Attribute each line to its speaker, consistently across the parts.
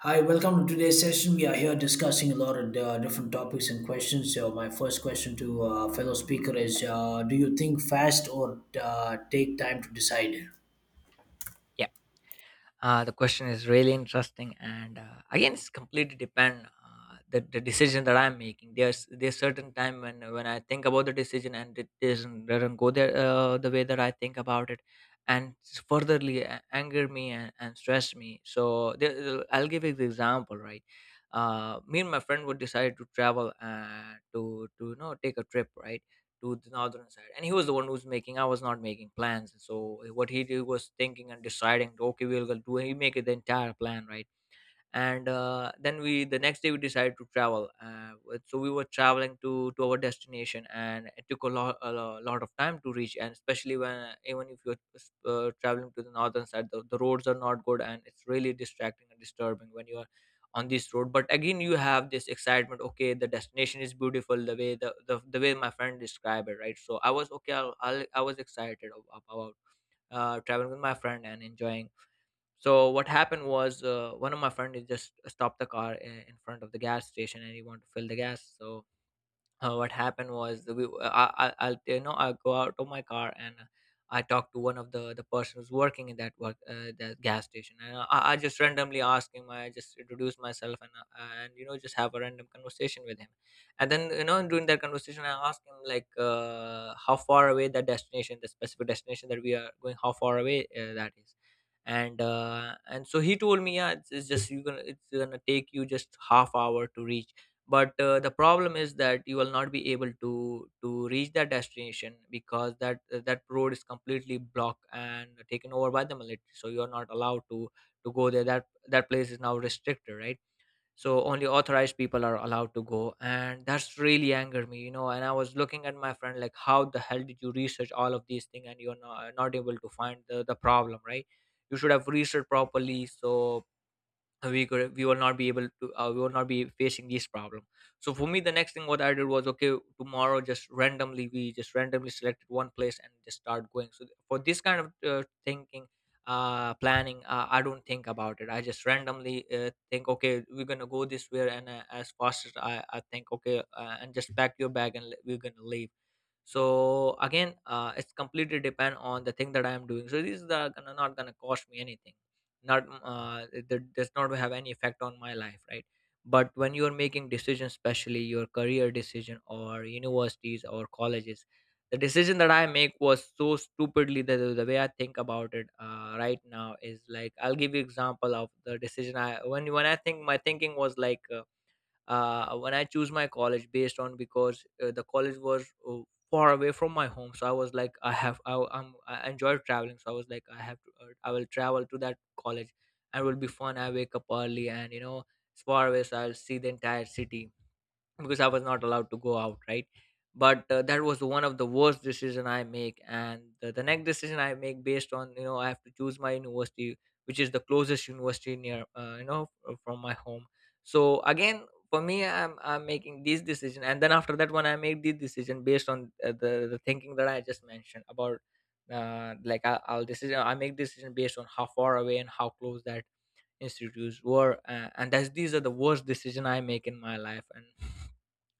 Speaker 1: Hi, welcome to today's session. We are here discussing a lot of different topics and questions. So, my first question to fellow speaker is: do you think fast or take time to decide?
Speaker 2: Yeah. The question is really interesting, and again, it's completely depend, the decision that I'm making. There's certain time when I think about the decision and it doesn't go there the way that I think about it, and furtherly anger me and stress me. So there, I'll give you the example, right? Me and my friend would decide to travel, to you know, take a trip, right? To the northern side, and he was the one who was making. I was not making plans, so what he did was thinking and deciding, okay, we'll go. Do he make the entire plan, right? And then we the next day we decided to travel, so we were traveling to our destination, and it took a lot, lot of time to reach. And especially when, even if you're traveling to the northern side, the roads are not good, and it's really distracting and disturbing when you are on this road. But again, you have this excitement. Okay, the destination is beautiful, the way the way my friend described it, right? So I was okay, I was excited about traveling with my friend and enjoying. So what happened was, one of my friend had just stopped the car in front of the gas station, and he wanted to fill the gas. So what happened was that I'll, you know, I go out of my car, and I talk to one of the person who's working in that work, that gas station. And I just randomly ask him. I just introduce myself, and you know, just have a random conversation with him. And then you know, during that conversation I ask him like, how far away that destination, the specific destination that we are going, how far away that is. And and so he told me, yeah, it's just, you gonna, it's gonna take you just half hour to reach. But the problem is that you will not be able to reach that destination, because that that road is completely blocked and taken over by the military, so you are not allowed to go there. That that place is now restricted, right? So only authorized people are allowed to go, and that's really angered me, you know. And I was looking at my friend like, how the hell did you research all of these things and you're not, not able to find the problem, right? You should have researched properly, so we could, we will not be able to, we will not be facing these problem. So for me, the next thing what I did was, okay, tomorrow, just randomly, we just randomly selected one place and just start going. So for this kind of thinking, planning, I don't think about it. I just randomly think, okay, we're gonna go this way, and as fast as I think, okay, and just pack your bag and we're gonna leave. So again, it's completely depend on the thing that I am doing, so these are gonna, not gonna cost me anything, not, it, it does not have any effect on my life, right? But when you're making decisions, especially your career decision or universities or colleges, the decision that I make was so stupidly, the way I think about it right now, is like, I'll give you example of the decision I, when I think, my thinking was like, when I choose my college based on, because the college was far away from my home, so I was like, I enjoy traveling, so I was like, I have to, I will travel to that college, and it will be fun. I wake up early, and you know, it's far away, so I'll see the entire city, because I was not allowed to go out, right? But that was one of the worst decision I make. And the next decision I make based on, you know, I have to choose my university, which is the closest university near, you know, from my home. So again, for me, I'm making these decision, and then after that, when I make the decision based on the thinking that I just mentioned about, like I, I'll decision I make, decision based on how far away and how close that institutes were, and that's, these are the worst decision I make in my life. and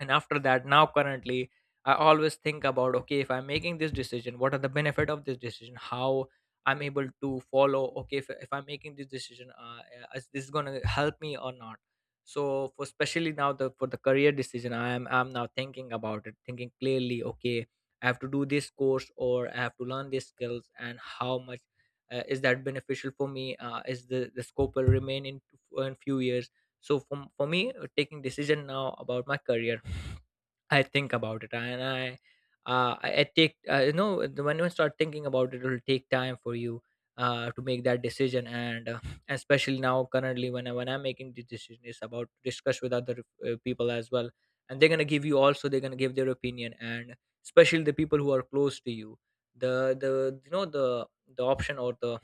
Speaker 2: and after that, now, currently, I always think about, okay, if I'm making this decision, what are the benefit of this decision, how I'm able to follow. Okay, if I'm making this decision, is this going to help me or not? So for, especially now, the for the career decision, I'm now thinking about it, thinking clearly. Okay, I have to do this course, or I have to learn these skills, and how much is that beneficial for me, is the scope will remain in few years. So for me, taking decision now about my career, I think about it, and I, I take, you know, when you start thinking about it, it'll take time for you to make that decision. And especially now, currently, when I'm making the decision, it's about discuss with other people as well. And they're gonna give you also, they're gonna give their opinion. And especially the people who are close to you, the the, you know, the option or the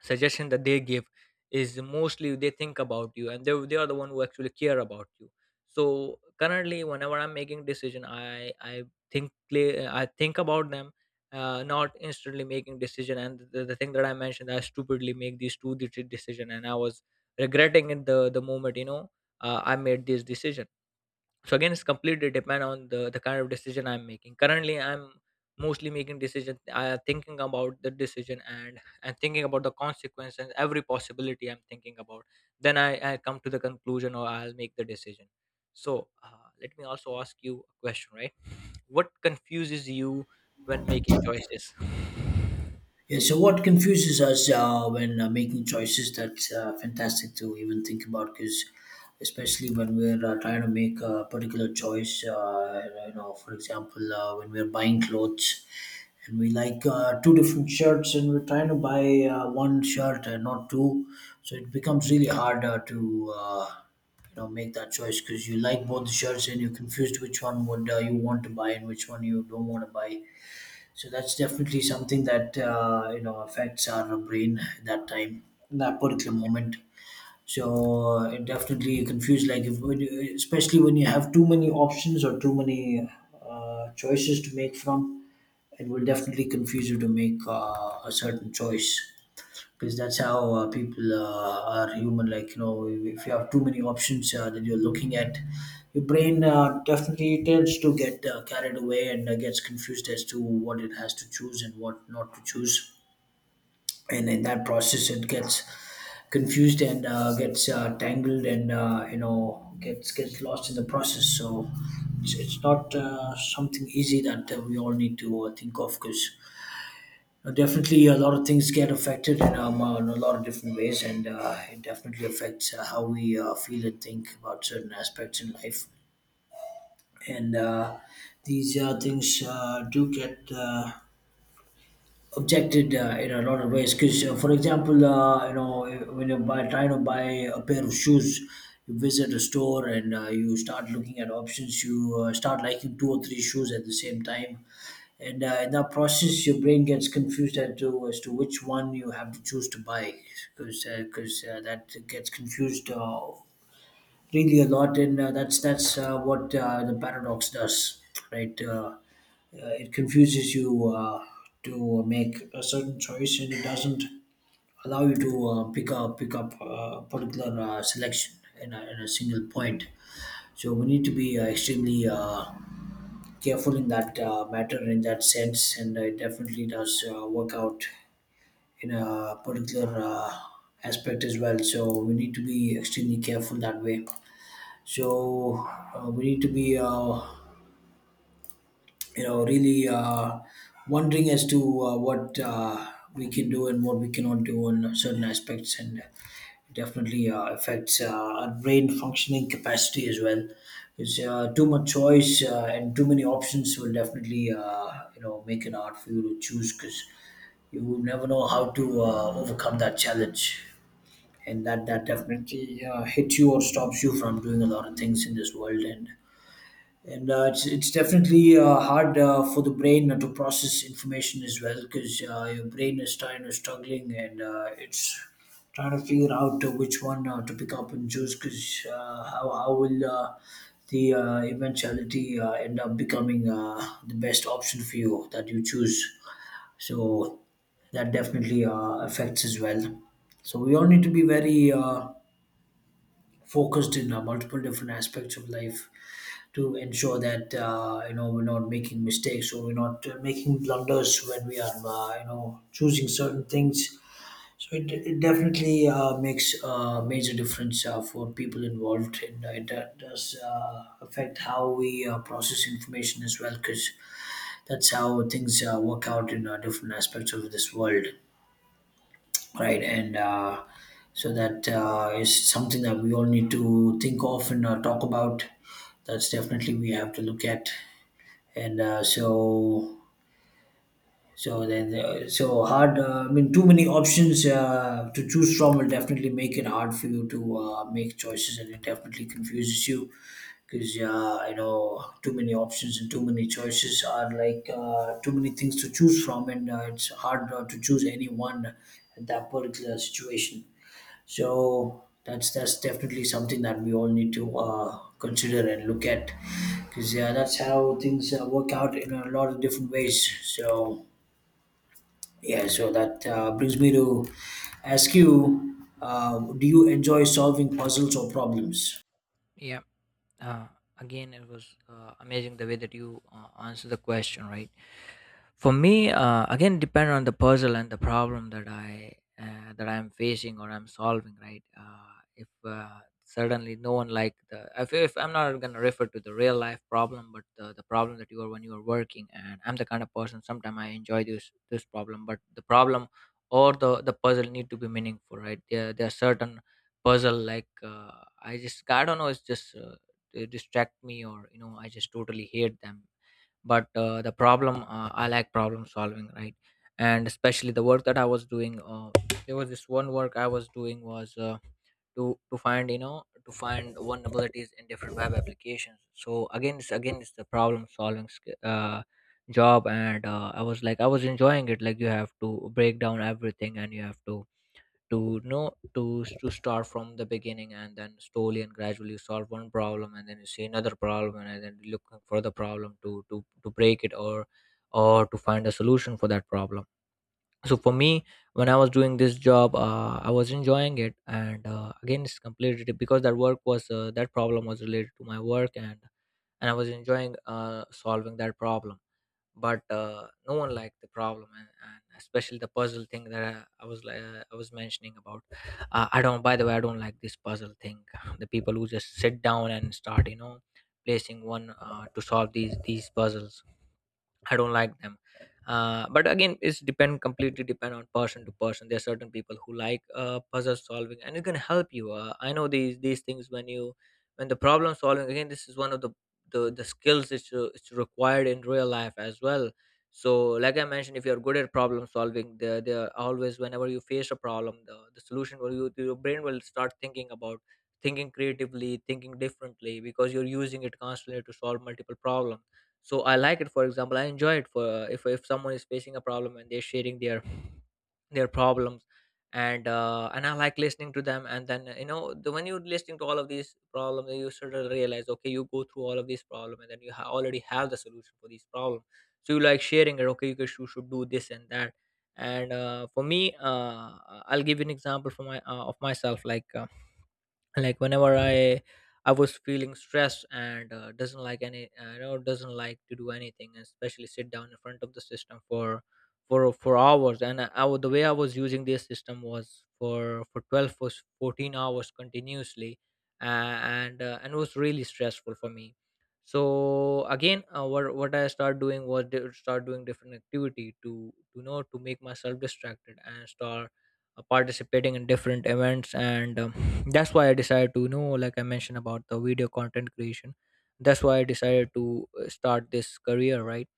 Speaker 2: suggestion that they give is, mostly they think about you, and they are the one who actually care about you. So currently whenever I'm making decision, I think clear, I think about them, not instantly making decision. And the thing that I mentioned, I stupidly make these two digit decision, and I was regretting it the moment, you know, I made this decision. So again, it's completely depend on the kind of decision I'm making. Currently, I'm mostly making decision. I thinking about the decision, and thinking about the consequences. Every possibility I'm thinking about. Then I come to the conclusion, or I'll make the decision. So let me also ask you a question, right? What confuses you when making choices?
Speaker 1: Yeah, so what confuses us when making choices, that's fantastic to even think about because especially when we're trying to make a particular choice, you know, for example, when we're buying clothes and we like two different shirts and we're trying to buy one shirt and not two, so it becomes really hard to you know, make that choice because you like both the shirts and you're confused which one would you want to buy and which one you don't want to buy, so that's definitely something that you know affects our brain at that time, in that particular moment. So it definitely confused, like if when you- especially when you have too many options or too many choices to make from, it will definitely confuse you to make a certain choice because that's how people are human, like you know if you have too many options that you're looking at, your brain definitely tends to get carried away and gets confused as to what it has to choose and what not to choose, and in that process it gets confused and gets tangled and you know gets lost in the process. So it's not something easy that we all need to think of, because definitely, a lot of things get affected in a lot of different ways, and it definitely affects how we feel and think about certain aspects in life. And these things do get objected in a lot of ways. Because, for example, you know, when you're trying to buy a pair of shoes, you visit a store and you start looking at options. You start liking two or three shoes at the same time, and in that process your brain gets confused as to which one you have to choose to buy, because that gets confused really a lot. And that's what the paradox does, right. It confuses you to make a certain choice, and it doesn't allow you to pick up particular selection in in a single point. So we need to be extremely careful in that matter, in that sense, and it definitely does work out in a particular aspect as well, so we need to be extremely careful that way. So we need to be you know really wondering as to what we can do and what we cannot do on certain aspects, and it definitely affects our brain functioning capacity as well, because too much choice and too many options will definitely you know make it hard for you to choose, because you will never know how to overcome that challenge, and that definitely hits you or stops you from doing a lot of things in this world. And it's definitely hard for the brain to process information as well, because your brain is trying to struggling, and it's trying to figure out which one to pick up and choose, because how will the eventuality end up becoming the best option for you that you choose. So that definitely affects as well. So we all need to be very focused in multiple different aspects of life to ensure that you know we're not making mistakes or we're not making blunders when we are you know choosing certain things. So it definitely makes a major difference for people involved, and it does affect how we process information as well, because that's how things work out in different aspects of this world, right? And so that is something that we all need to think of and talk about. That's definitely we have to look at. And so so then, so hard. I mean, too many options to choose from will definitely make it hard for you to make choices, and it definitely confuses you, because you know too many options and too many choices are like too many things to choose from, and it's hard to choose any one at that particular situation. So that's definitely something that we all need to consider and look at, because yeah, that's how things work out in a lot of different ways. So yeah, so that brings me to ask you, do you enjoy solving puzzles or problems?
Speaker 2: Yeah. uh, Again, it was amazing the way that you answer the question, right? For me, again, depend on the puzzle and the problem that I, that I'm facing or I'm solving, right? If suddenly, no one like the, if I'm not going to refer to the real life problem, but the problem that you are when you are working, and I'm the kind of person, sometimes I enjoy this problem, but the problem or the puzzle need to be meaningful, right? There are certain puzzle like I just, I don't know, it's just they distract me, or you know, I just totally hate them. But the problem, I like problem solving, right? And especially the work that I was doing, there was this one work I was doing, was to find, you know, to find vulnerabilities in different web applications. So again, it's, again it's the problem solving job, and I was like, I was enjoying it. Like, you have to break down everything, and you have to know to start from the beginning, and then slowly and gradually solve one problem, and then you see another problem, and then looking for the problem to to break it, or to find a solution for that problem. So for me, when I was doing this job, I was enjoying it. And again, it's completely because that work was, that problem was related to my work, and I was enjoying solving that problem. But no one liked the problem. And, especially the puzzle thing that I was like, I was mentioning about, I don't, by the way, I don't like this puzzle thing. The people who just sit down and start, you know, placing one to solve these puzzles, I don't like them. But again, it's depend, completely depend on person to person. There are certain people who like puzzle solving, and it can help you. I know these things when you, when the problem solving again. This is one of the skills it's required in real life as well. So, like I mentioned, if you're good at problem solving, there are always whenever you face a problem, the solution will you your brain will start thinking about thinking creatively, thinking differently because you're using it constantly to solve multiple problems. So I like it. For example, I enjoy it for if someone is facing a problem and they're sharing their problems. And I like listening to them, and then when you're listening to all of these problems, then you sort of realize, okay, you go through all of these problems and then you already have the solution for these problems. So you like sharing it. Okay, you guys should do this and that. And for me, I'll give you an example for my of myself, like whenever I was feeling stressed and doesn't like any doesn't like to do anything, especially sit down in front of the system for for hours. And the way I was using this system was for 12 for 14 hours continuously. And it was really stressful for me. So again, what I start doing was start doing different activity to know to make myself distracted and start participating in different events. And that's why I decided to, you know, like I mentioned about the video content creation, that's why I decided to start this career, right?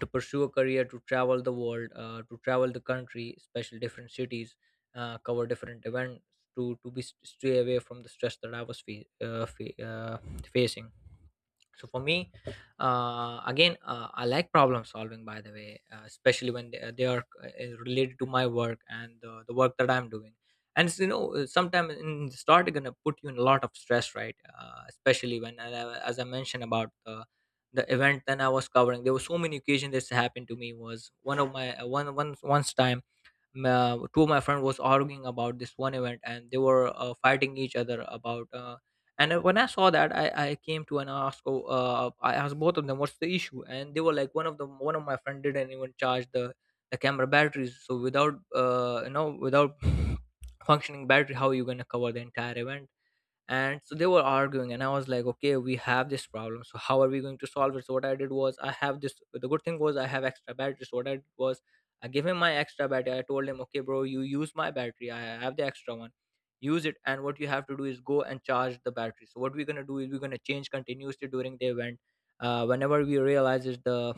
Speaker 2: To pursue a career, to travel the world, to travel the country, especially different cities, cover different events, to be stay away from the stress that I was facing. So for me, again, I like problem solving. By the way, especially when they are related to my work and the work that I'm doing. And it's, you know, sometimes in the start, it's gonna put you in a lot of stress, right? Especially when, as I mentioned about the event then I was covering, there were so many occasions this happened to me. Was one of my one one once time, two of my friends was arguing about this one event, and they were fighting each other about. And When I saw that, I came to and asked, oh, I asked both of them, what's the issue? And they were like, one of my friend didn't even charge the camera batteries. So without, without functioning battery, how are you gonna cover the entire event? And so they were arguing, and I was like, okay, we have this problem, so how are we going to solve it? So what I did was, I have this, the good thing was, I have extra batteries. So what I did was, I gave him my extra battery. I told him, okay, bro, you use my battery, I have the extra one, use it. And what you have to do is go and charge the battery. So what we're going to do is we're going to change continuously during the event. Whenever we realize is the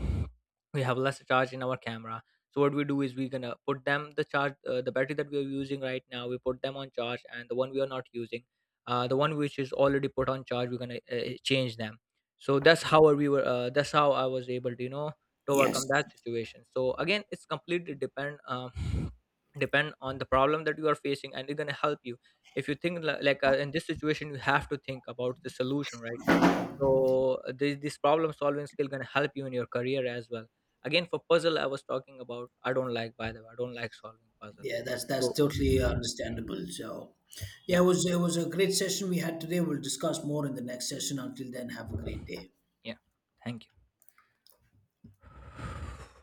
Speaker 2: we have less charge in our camera, so what we do is, we're going to put them the charge, the battery that we are using right now, we put them on charge, and the one we are not using, the one which is already put on charge, we're gonna change them. So that's how we were that's how I was able to, you know, to overcome
Speaker 1: Yes.
Speaker 2: that situation. So again, it's completely depend, depend on the problem that you are facing, and it's gonna help you. If you think like in this situation, you have to think about the solution, right? So this problem solving skill gonna help you in your career as well. Again, for puzzle, I was talking about, I don't like, by the way, I don't like solving puzzle.
Speaker 1: Yeah, that's
Speaker 2: So
Speaker 1: totally understandable. So, yeah,
Speaker 2: yeah.
Speaker 1: it was a great session we had today. We'll discuss more in the next session. Until then, have a great day.
Speaker 2: Yeah, thank you.